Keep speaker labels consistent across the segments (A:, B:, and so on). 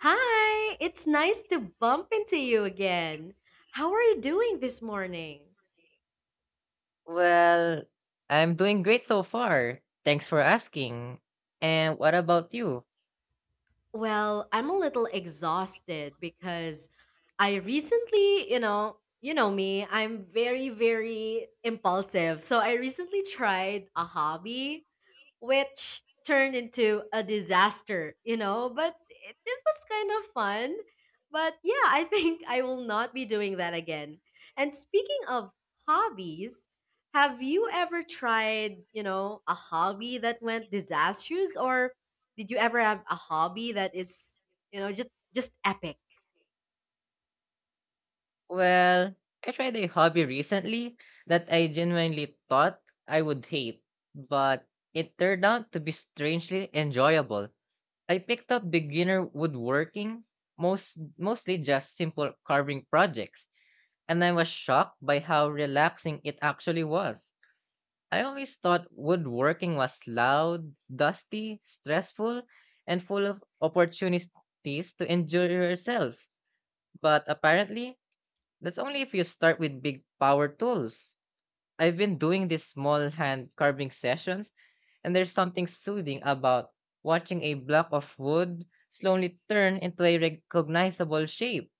A: Hi, it's nice to bump into you again. How are you doing this morning?
B: Well, I'm doing great so far. Thanks for asking. And what about you?
A: Well, I'm a little exhausted because I recently, you know me, I'm very, very impulsive. So I recently tried a hobby which turned into a disaster, but it was kind of fun. But yeah, I think I will not be doing that again. And speaking of hobbies, have you ever tried, a hobby that went disastrous, or did you ever have a hobby that is, you know, just just epic?
B: Well, I tried a hobby recently that I genuinely thought I would hate, but it turned out to be strangely enjoyable. I picked up beginner woodworking, mostly just simple carving projects, and I was shocked by how relaxing it actually was. I always thought woodworking was loud, dusty, stressful, and full of opportunities to enjoy yourself, but apparently that's only if you start with big power tools. I've been doing these small hand carving sessions, and there's something soothing about watching a block of wood slowly turn into a recognizable shape.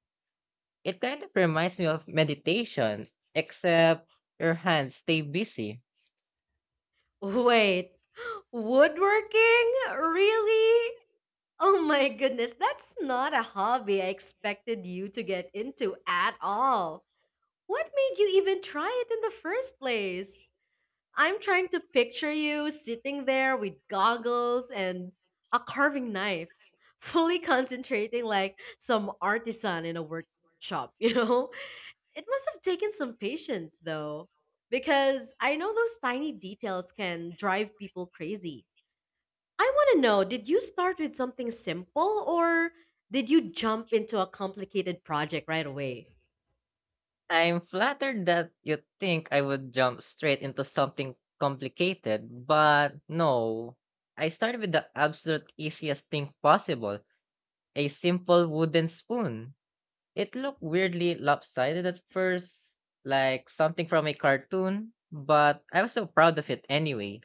B: It kind of reminds me of meditation, except your hands stay busy.
A: Wait. Woodworking? Really? Oh my goodness, that's not a hobby I expected you to get into at all. What made you even try it in the first place? I'm trying to picture you sitting there with goggles and a carving knife, fully concentrating like some artisan in a workshop, you know? It must have taken some patience though, because I know those tiny details can drive people crazy. I want to know, did you start with something simple, or did you jump into a complicated project right away?
B: I'm flattered that you think I would jump straight into something complicated, but no. I started with the absolute easiest thing possible, a simple wooden spoon. It looked weirdly lopsided at first, like something from a cartoon, but I was so proud of it anyway.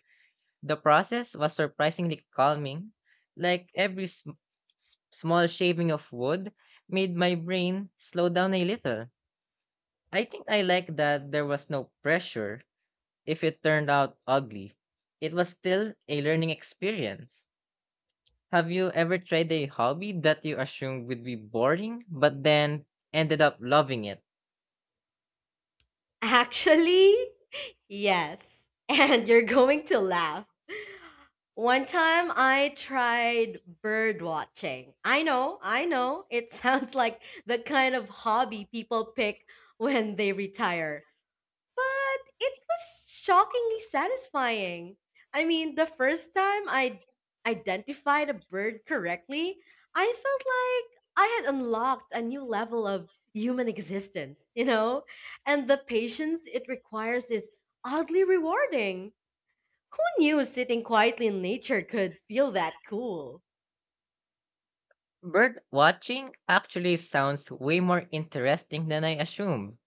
B: The process was surprisingly calming. Like every small shaving of wood made my brain slow down a little. I think I like that there was no pressure if it turned out ugly. It was still a learning experience. Have you ever tried a hobby that you assumed would be boring but then ended up loving it?
A: Actually, yes, and you're going to laugh. One time I tried bird watching. I know, I know. It sounds like the kind of hobby people pick when they retire. But it was shockingly satisfying. I mean, the first time I identified a bird correctly, I felt like I had unlocked a new level of human existence, you know? And the patience it requires is oddly rewarding. Who knew sitting quietly in nature could feel that cool?
B: Bird watching actually sounds way more interesting than I assumed.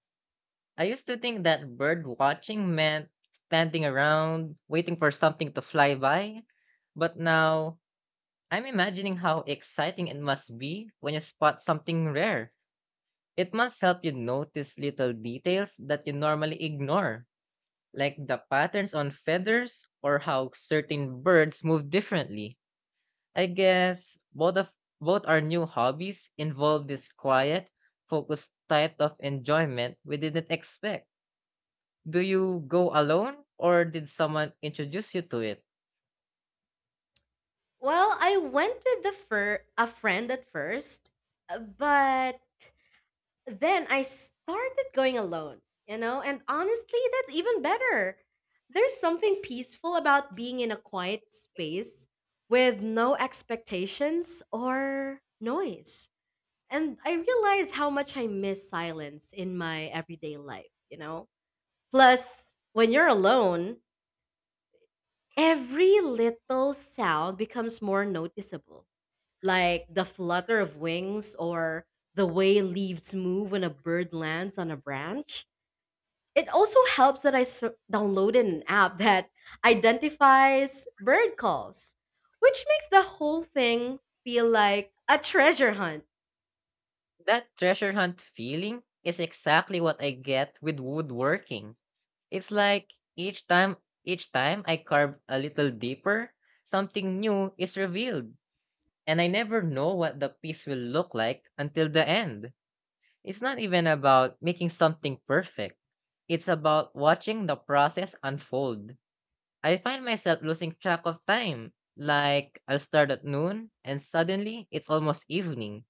B: I used to think that bird watching meant standing around waiting for something to fly by, but now I'm imagining how exciting it must be when you spot something rare. It must help you notice little details that you normally ignore, like the patterns on feathers or how certain birds move differently. I guess both our new hobbies involve this quiet, focused type of enjoyment we didn't expect. Do you go alone or did someone introduce you to it?
A: Well, I went with a friend at first, but then I started going alone, and honestly, that's even better. There's something peaceful about being in a quiet space with no expectations or noise. And I realize how much I miss silence in my everyday life, you know? Plus, when you're alone, every little sound becomes more noticeable, like the flutter of wings or the way leaves move when a bird lands on a branch. It also helps that I downloaded an app that identifies bird calls, which makes the whole thing feel like a treasure hunt.
B: That treasure hunt feeling is exactly what I get with woodworking. It's like each time I carve a little deeper, something new is revealed, and I never know what the piece will look like until the end. It's not even about making something perfect. It's about watching the process unfold. I find myself losing track of time. Like, I'll start at noon and suddenly it's almost evening.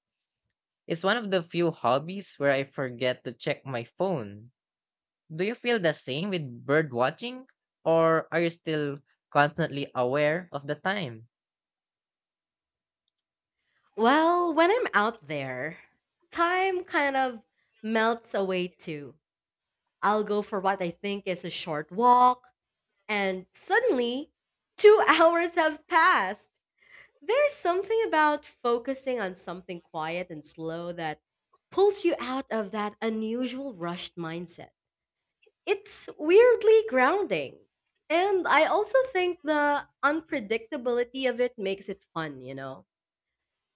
B: It's one of the few hobbies where I forget to check my phone. Do you feel the same with bird watching? Or are you still constantly aware of the time?
A: Well, when I'm out there, time kind of melts away too. I'll go for what I think is a short walk, and suddenly, 2 hours have passed. There's something about focusing on something quiet and slow that pulls you out of that unusual rushed mindset. It's weirdly grounding. And I also think the unpredictability of it makes it fun, you know?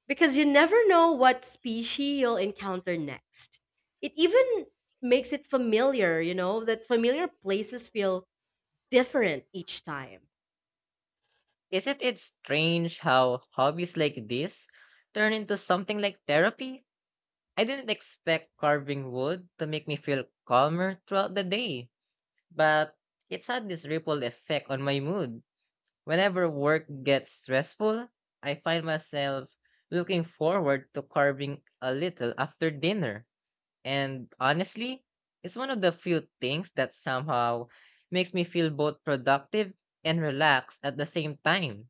A: Because you never know what species you'll encounter next. It even makes it familiar, that familiar places feel different each time.
B: Isn't it strange how hobbies like this turn into something like therapy? I didn't expect carving wood to make me feel calmer throughout the day, but it's had this ripple effect on my mood. Whenever work gets stressful, I find myself looking forward to carving a little after dinner. And honestly, it's one of the few things that somehow makes me feel both productive and relaxed at the same time.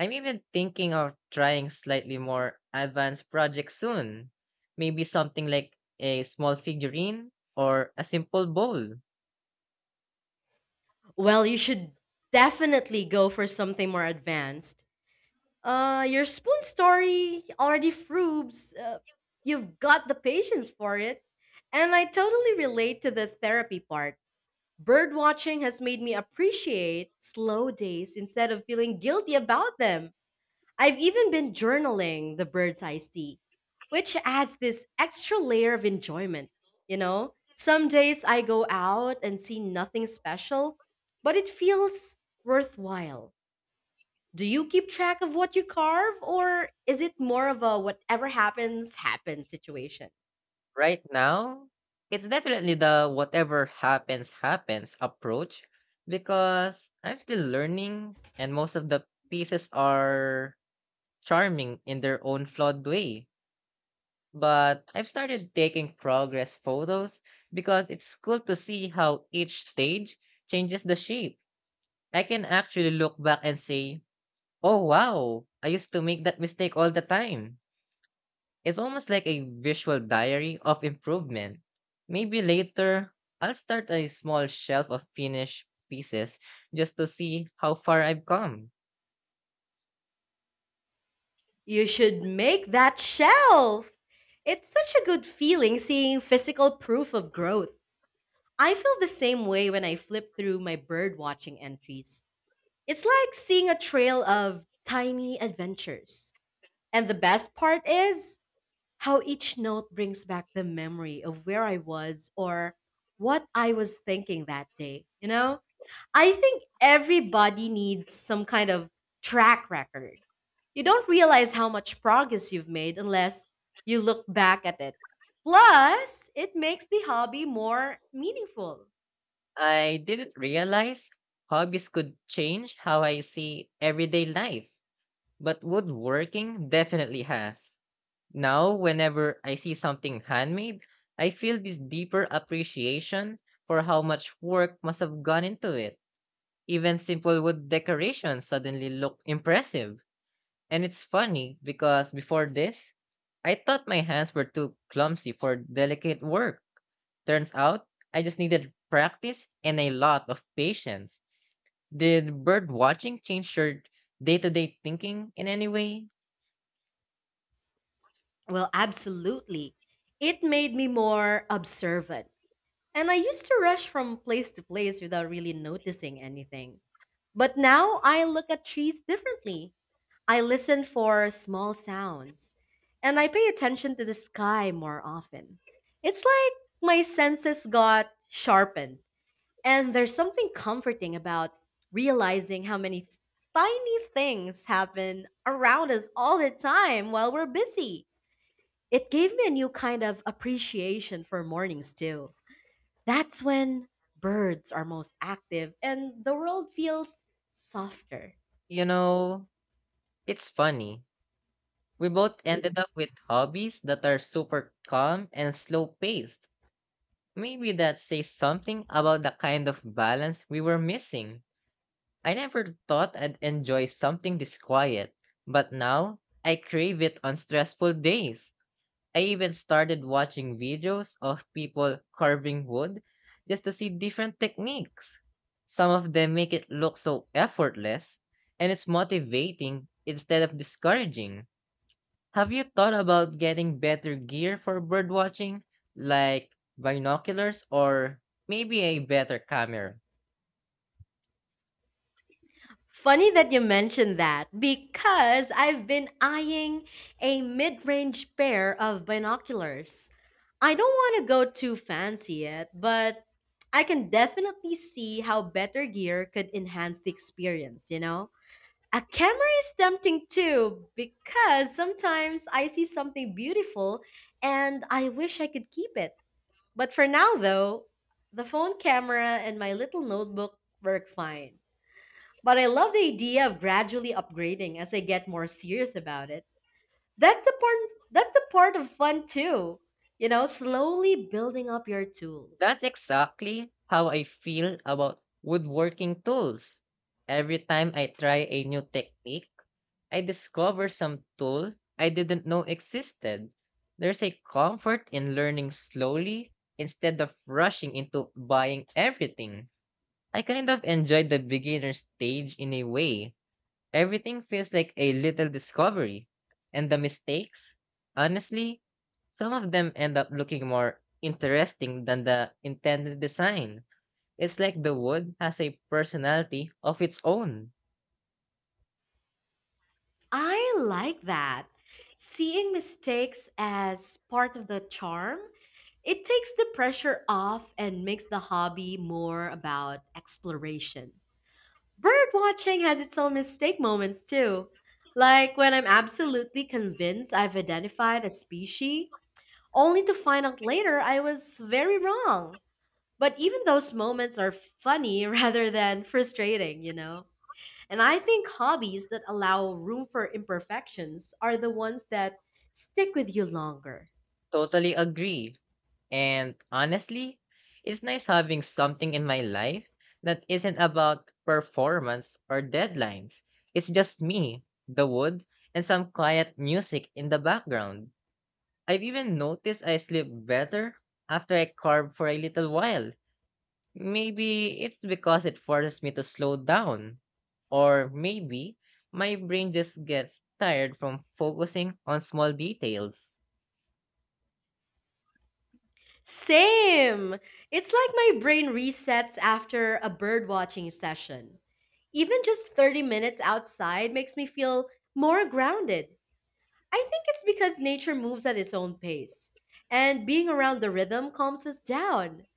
B: I'm even thinking of trying slightly more advanced projects soon. Maybe something like a small figurine or a simple bowl.
A: Well, you should definitely go for something more advanced. Your spoon story already proves, you've got the patience for it. And I totally relate to the therapy part. Bird watching has made me appreciate slow days instead of feeling guilty about them. I've even been journaling the birds I see, which adds this extra layer of enjoyment. You know, some days I go out and see nothing special, but it feels worthwhile. Do you keep track of what you carve, or is it more of a whatever happens, happens situation?
B: Right now, it's definitely the whatever happens, happens approach because I'm still learning and most of the pieces are charming in their own flawed way. But I've started taking progress photos because it's cool to see how each stage changes the shape. I can actually look back and say, "Oh, wow, I used to make that mistake all the time." It's almost like a visual diary of improvement. Maybe later, I'll start a small shelf of finished pieces just to see how far I've come.
A: You should make that shelf! It's such a good feeling seeing physical proof of growth. I feel the same way when I flip through my bird watching entries. It's like seeing a trail of tiny adventures. And the best part is how each note brings back the memory of where I was or what I was thinking that day, you know? I think everybody needs some kind of track record. You don't realize how much progress you've made unless you look back at it. Plus, it makes the hobby more meaningful.
B: I didn't realize hobbies could change how I see everyday life, but woodworking definitely has. Now, whenever I see something handmade, I feel this deeper appreciation for how much work must have gone into it. Even simple wood decorations suddenly look impressive. And it's funny because before this, I thought my hands were too clumsy for delicate work. Turns out, I just needed practice and a lot of patience. Did bird watching change your day to day thinking in any way?
A: Well, absolutely. It made me more observant. And I used to rush from place to place without really noticing anything. But now I look at trees differently. I listen for small sounds and I pay attention to the sky more often. It's like my senses got sharpened, and there's something comforting about realizing how many tiny things happen around us all the time while we're busy. It gave me a new kind of appreciation for mornings, too. That's when birds are most active and the world feels softer.
B: You know, it's funny. We both ended up with hobbies that are super calm and slow paced. Maybe that says something about the kind of balance we were missing. I never thought I'd enjoy something this quiet, but now I crave it on stressful days. I even started watching videos of people carving wood just to see different techniques. Some of them make it look so effortless, and it's motivating instead of discouraging. Have you thought about getting better gear for birdwatching, like binoculars or maybe a better camera?
A: Funny that you mentioned that, because I've been eyeing a mid range pair of binoculars. I don't want to go too fancy yet, but I can definitely see how better gear could enhance the experience, you know? A camera is tempting too, because sometimes I see something beautiful and I wish I could keep it. But for now, though, the phone camera and my little notebook work fine. But I love the idea of gradually upgrading as I get more serious about it. That's the part of fun too. You know, slowly building up your
B: That's
A: tools.
B: exactly how I feel about woodworking tools. Every time I try a new technique, I discover some tool I didn't know existed. There's a comfort in learning slowly instead of rushing into buying everything. I kind of enjoy the beginner stage in a way. Everything feels like a little discovery. And the mistakes? Honestly, some of them end up looking more interesting than the intended design. It's like the wood has a personality of its own.
A: I like that. Seeing mistakes as part of the charm, it takes the pressure off and makes the hobby more about exploration. Bird watching has its own mistake moments too. Like when I'm absolutely convinced I've identified a species only to find out later I was very wrong. But even those moments are funny rather than frustrating, you know? And I think hobbies that allow room for imperfections are the ones that stick with you longer.
B: Totally agree. And honestly, it's nice having something in my life that isn't about performance or deadlines. It's just me, the wood, and some quiet music in the background. I've even noticed I sleep better after I carb for a little while. Maybe it's because it forces me to slow down. Or maybe my brain just gets tired from focusing on small details.
A: Same! It's like my brain resets after a bird watching session. Even just 30 minutes outside makes me feel more grounded. I think it's because nature moves at its own pace, and being around the rhythm calms us down.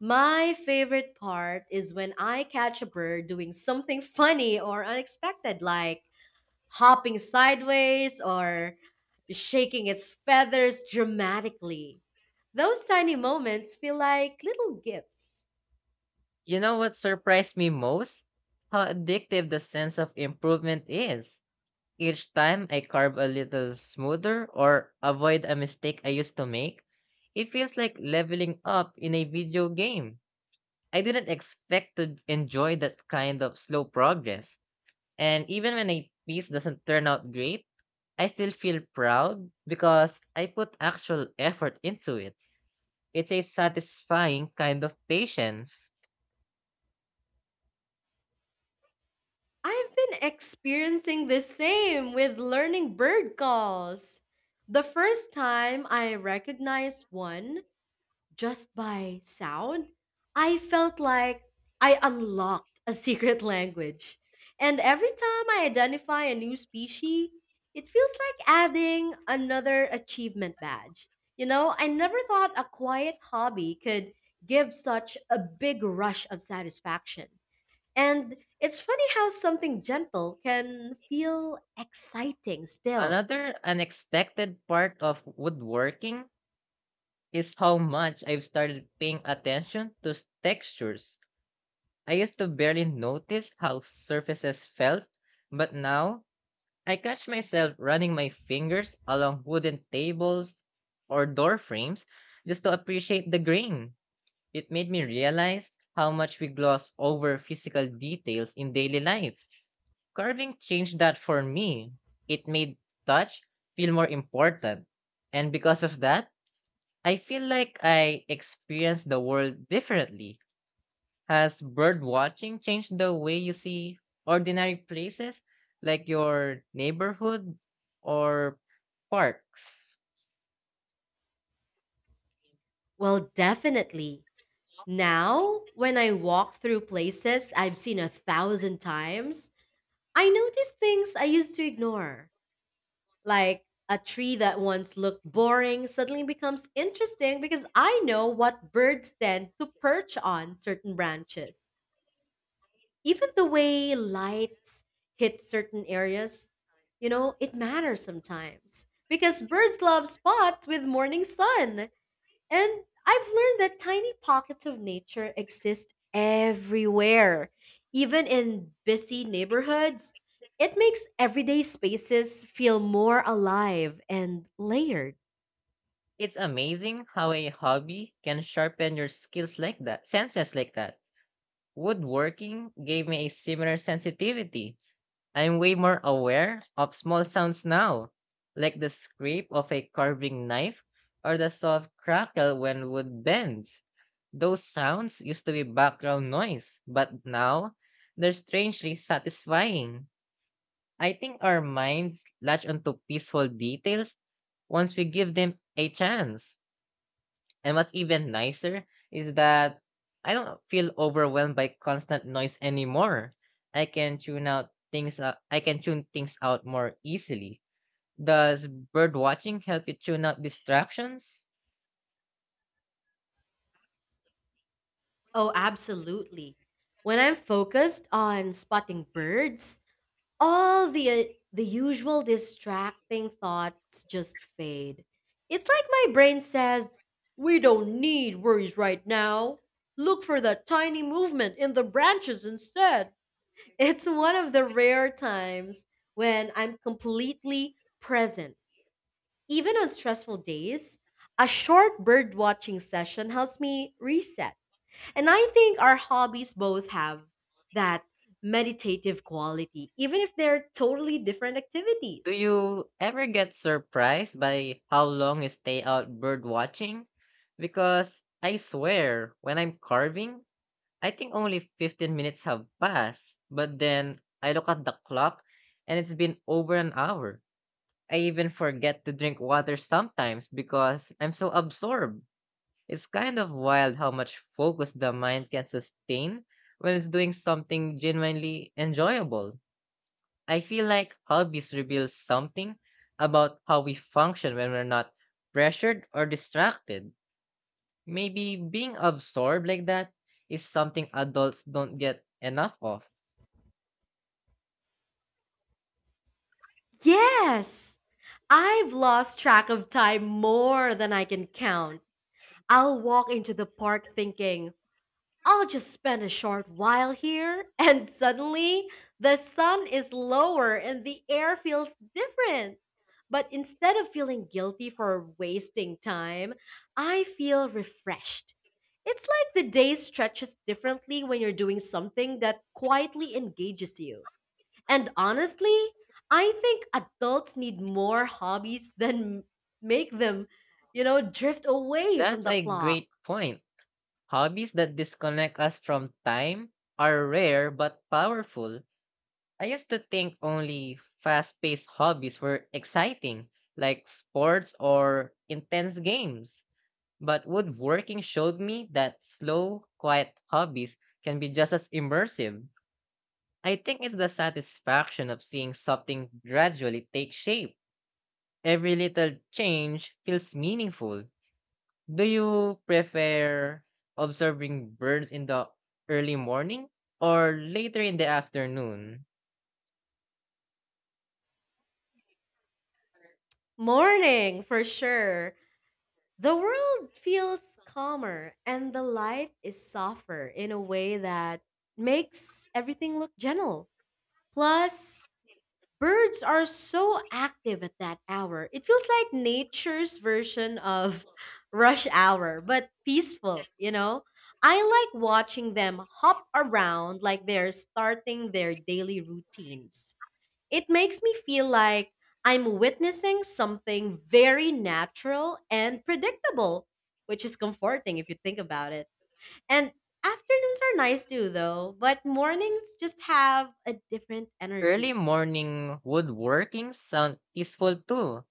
A: My favorite part is when I catch a bird doing something funny or unexpected, like hopping sideways or shaking its feathers dramatically. Those tiny moments feel like little gifts.
B: You know what surprised me most? How addictive the sense of improvement is. Each time I carb a little smoother or avoid a mistake I used to make, it feels like leveling up in a video game. I didn't expect to enjoy that kind of slow progress. And even when a piece doesn't turn out great, I still feel proud because I put actual effort into it. It's a satisfying kind of patience.
A: I've been experiencing the same with learning bird calls. The first time I recognized one, just by sound, I felt like I unlocked a secret language. And every time I identify a new species, it feels like adding another achievement badge. You know, I never thought a quiet hobby could give such a big rush of satisfaction. And it's funny how something gentle can feel exciting still.
B: Another unexpected part of woodworking is how much I've started paying attention to textures. I used to barely notice how surfaces felt, but now I catch myself running my fingers along wooden tables or door frames just to appreciate the grain. It made me realize how much we gloss over physical details in daily life. Carving changed that for me. It made touch feel more important. And because of that, I feel like I experience the world differently. Has bird watching changed the way you see ordinary places like your neighborhood or parks?
A: Well, definitely. Now, when I walk through places I've seen 1,000 times, I notice things I used to ignore. Like a tree that once looked boring suddenly becomes interesting, because I know what birds tend to perch on certain branches. Even the way lights hit certain areas, it matters sometimes, because birds love spots with morning sun. And I've learned that tiny pockets of nature exist everywhere, even in busy neighborhoods. It makes everyday spaces feel more alive and layered.
B: It's amazing how a hobby can sharpen your skills like that, senses like that. Woodworking gave me a similar sensitivity. I'm way more aware of small sounds now, like the scrape of a carving knife or the soft crackle when wood bends. Those sounds used to be background noise, but now they're strangely satisfying. I think our minds latch onto peaceful details once we give them a chance. And what's even nicer is that I don't feel overwhelmed by constant noise anymore. I can tune things out more easily. Does bird watching help you tune out distractions?
A: Oh, absolutely. When I'm focused on spotting birds, all the usual distracting thoughts just fade. It's like my brain says, "We don't need worries right now. Look for that tiny movement in the branches instead." It's one of the rare times when I'm completely present. Even on stressful days, a short bird watching session helps me reset. And I think our hobbies both have that meditative quality, even if they're totally different
B: Do
A: activities.
B: you ever get surprised by how long you stay out bird watching? Because I swear, when I'm carving, I think only 15 minutes have passed, but then I look at the clock and it's been over an hour. I even forget to drink water sometimes because I'm so absorbed. It's kind of wild how much focus the mind can sustain when it's doing something genuinely enjoyable. I feel like hobbies reveal something about how we function when we're not pressured or distracted. Maybe being absorbed like that is something adults don't get enough of.
A: Yes, I've lost track of time more than I can count. I'll walk into the park thinking, I'll just spend a short while here, and suddenly the sun is lower and the air feels different. But instead of feeling guilty for wasting time, I feel refreshed. It's like the day stretches differently when you're doing something that quietly engages you. And honestly, I think adults need more hobbies than make them, you know, drift away from
B: That's
A: the
B: a
A: clock.
B: great point. Hobbies that disconnect us from time are rare but powerful. I used to think only fast paced hobbies were exciting, like sports or intense games. But woodworking showed me that slow, quiet hobbies can be just as immersive. I think it's the satisfaction of seeing something gradually take shape. Every little change feels meaningful. Do you prefer observing birds in the early morning or later in the afternoon?
A: Morning, for sure. The world feels calmer and the light is softer in a way that makes everything look gentle. Plus, birds are so active at that hour. It feels like nature's version of rush hour, but peaceful, you know? I like watching them hop around like they're starting their daily routines. It makes me feel like I'm witnessing something very natural and predictable, which is comforting if you think about it. And afternoons are nice too, though, but mornings just have a different
B: Early
A: energy.
B: morning woodworking sound peaceful too.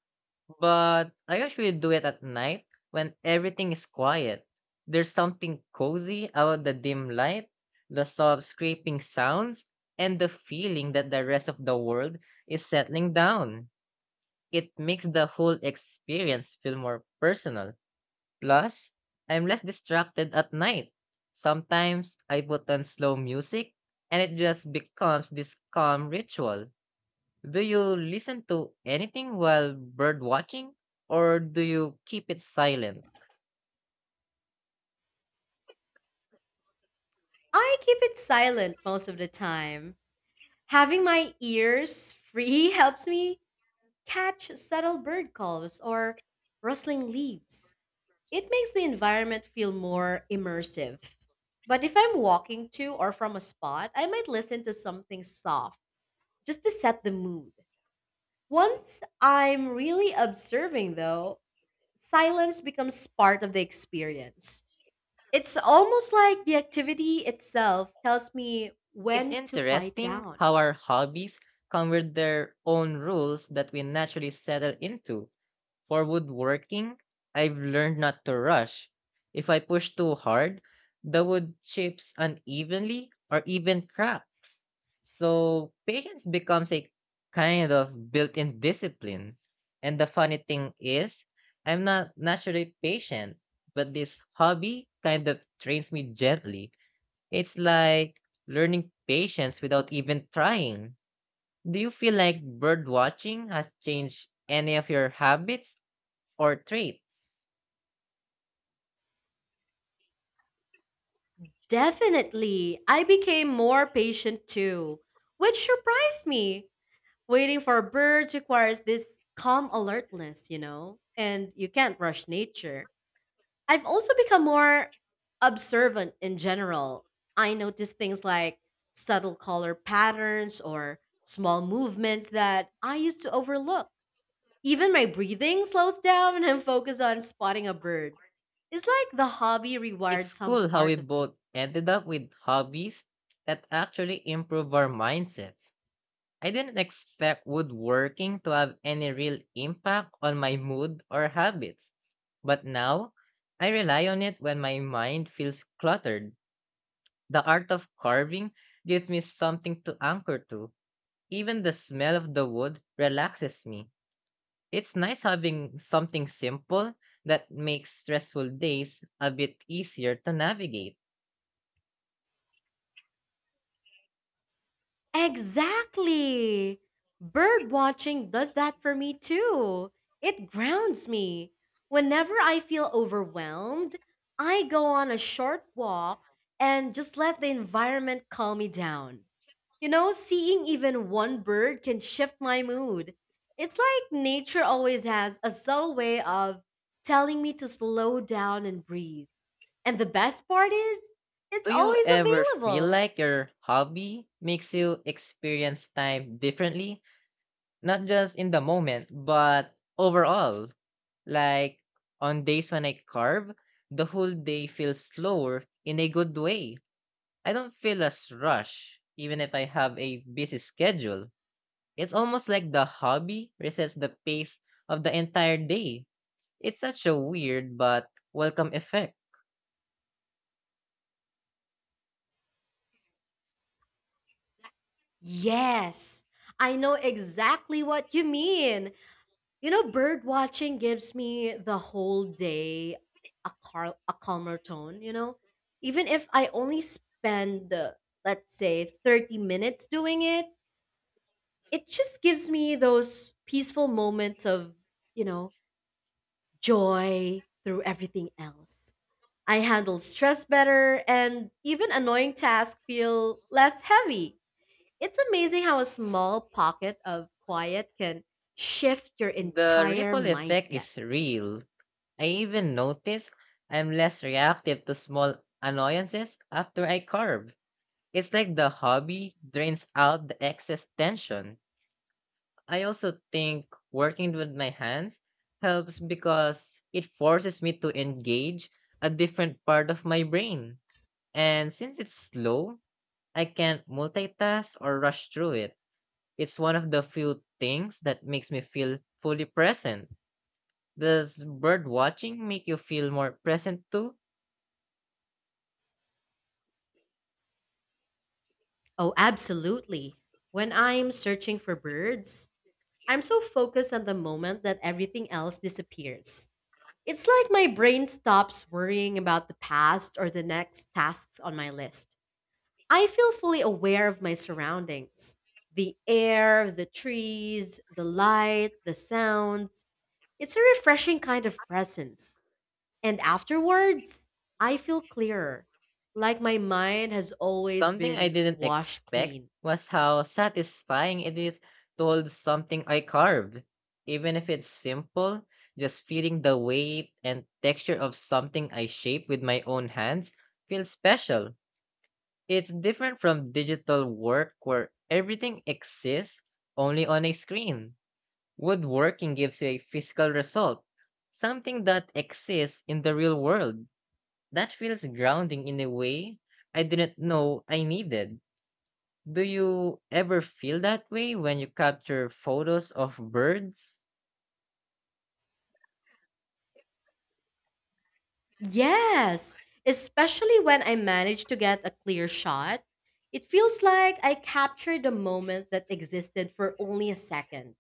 B: But I usually do it at night when everything is quiet. There's something cozy about the dim light, the soft scraping sounds, and the feeling that the rest of the world is settling down. It makes the whole experience feel more personal. Plus, I'm less distracted at night. Sometimes I put on slow music and it just becomes this calm ritual. Do you listen to anything while bird watching or do you keep it silent?
A: I keep it silent most of the time. Having my ears free helps me catch subtle bird calls or rustling leaves. It makes the environment feel more immersive. But if I'm walking to or from a spot, I might listen to something soft just to set the mood. Once I'm really observing, though, silence becomes part of the experience. It's almost like the activity itself tells me
B: It's
A: when to quiet
B: interesting
A: down.
B: how our hobbies come with their own rules that we naturally settle into. For woodworking, I've learned not to rush. If I push too hard, the wood chips unevenly or even cracks. So patience becomes a kind of built in discipline. And the funny thing is, I'm not naturally patient, but this hobby kind of trains me gently. It's like learning patience without even trying. Do you feel like bird watching has changed any of your habits or traits?
A: Definitely, I became more patient too, which surprised me. Waiting for birds requires this calm alertness, you know, and you can't rush nature. I've also become more observant in general. I notice things like subtle color patterns or small movements that I used to overlook. Even my breathing slows down and I'm focused on spotting a bird. It's like the hobby rewired
B: It's
A: some
B: cool how we
A: part of me.
B: both ended up with hobbies that actually improve our mindsets. I didn't expect woodworking to have any real impact on my mood or habits, but now I rely on it when my mind feels cluttered. The art of carving gives me something to anchor to. Even the smell of the wood relaxes me. It's nice having something simple that makes stressful days a bit easier to navigate.
A: Exactly. Bird watching does that for me too. It grounds me. Whenever I feel overwhelmed, I go on a short walk and just let the environment calm me down. You know, seeing even one bird can shift my mood. It's like nature always has a subtle way of telling me to slow down and breathe. And the best part is,
B: Do
A: it's
B: you
A: always
B: ever feel
A: available.
B: like your hobby makes you experience time differently? Not just in the moment, but overall. Like on days when I carve, the whole day feels slower in a good way. I don't feel as rushed, even if I have a busy schedule. It's almost like the hobby resets the pace of the entire day. It's such a weird but welcome effect.
A: Yes, I know exactly what you mean. You know, bird watching gives me the whole day a calmer tone, you know? Even if I only spend, let's say, 30 minutes doing it, it just gives me those peaceful moments of, you know, joy through everything else. I handle stress better and even annoying tasks feel less heavy. It's amazing how a small pocket of quiet can shift your
B: The
A: entire
B: ripple effect
A: mindset.
B: is real. I even notice I'm less reactive to small annoyances after I carve. It's like the hobby drains out the excess tension. I also think working with my hands helps because it forces me to engage a different part of my brain. And since it's slow, I can't multitask or rush through it. It's one of the few things that makes me feel fully present. Does bird watching make you feel more present too?
A: Oh, absolutely. When I'm searching for birds, I'm so focused on the moment that everything else disappears. It's like my brain stops worrying about the past or the next tasks on my list. I feel fully aware of my surroundings: the air, the trees, the light, the sounds. It's a refreshing kind of presence. And afterwards, I feel clearer, like my mind has always
B: Something I
A: been
B: didn't
A: washed
B: expect
A: clean.
B: was how satisfying it is to hold something I carved. Even if it's simple, just feeling the weight and texture of something I shape with my own hands feels special. It's different from digital work where everything exists only on a screen. Woodworking gives you a physical result, something that exists in the real world. That feels grounding in a way I didn't know I needed. Do you ever feel that way when you capture photos of birds?
A: Yes, especially when I manage to get a clear shot. It feels like I captured a moment that existed for only a second.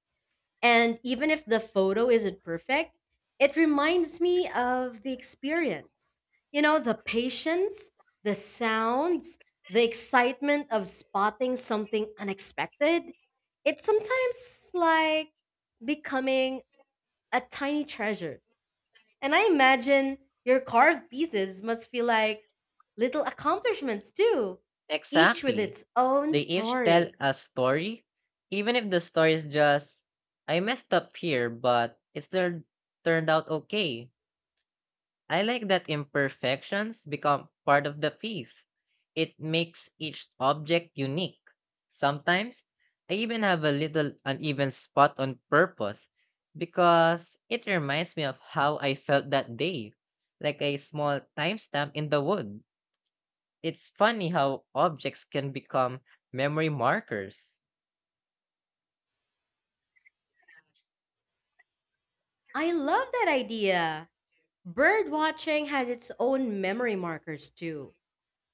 A: And even if the photo isn't perfect, it reminds me of the experience. You know, the patience, the sounds, the excitement of spotting something unexpected. It's sometimes like becoming a tiny treasure. And I imagine your carved pieces must feel like little accomplishments too, each with
B: Exactly.
A: its own
B: They each tell
A: story.
B: a story, even if the story is just, I messed up here, but it still turned out okay. I like that imperfections become part of the piece. It makes each object unique. Sometimes, I even have a little uneven spot on purpose because it reminds me of how I felt that day, like a small timestamp in the wood. It's funny how objects can become memory markers.
A: I love that idea. Bird watching has its own memory markers too.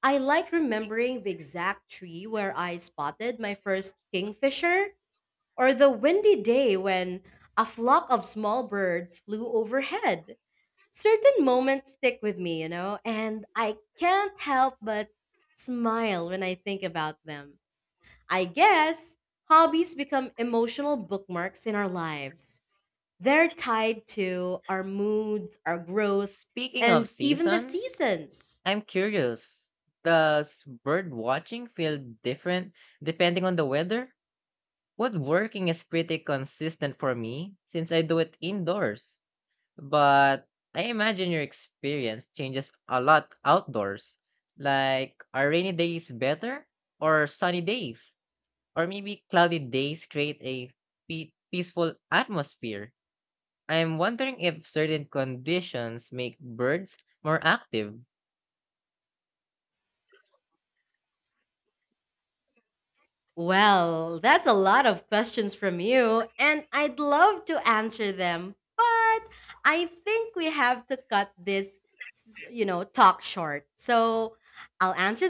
A: I like remembering the exact tree where I spotted my first kingfisher, or the windy day when a flock of small birds flew overhead. Certain moments stick with me, and I can't help but smile when I think about them. I guess hobbies become emotional bookmarks in our lives. They're tied to our moods, our growth,
B: Speaking of
A: and even the
B: seasons,
A: seasons.
B: I'm curious. Does bird watching feel different depending on the weather? Woodworking is pretty consistent for me since I do it indoors. But I imagine your experience changes a lot outdoors. Like, are rainy days better or sunny days? Or maybe cloudy days create a peaceful atmosphere? I'm wondering if certain conditions make birds more active.
A: Well, that's a lot of questions from you, and I'd love to answer them, but I think we have to cut this talk short. So I'll answer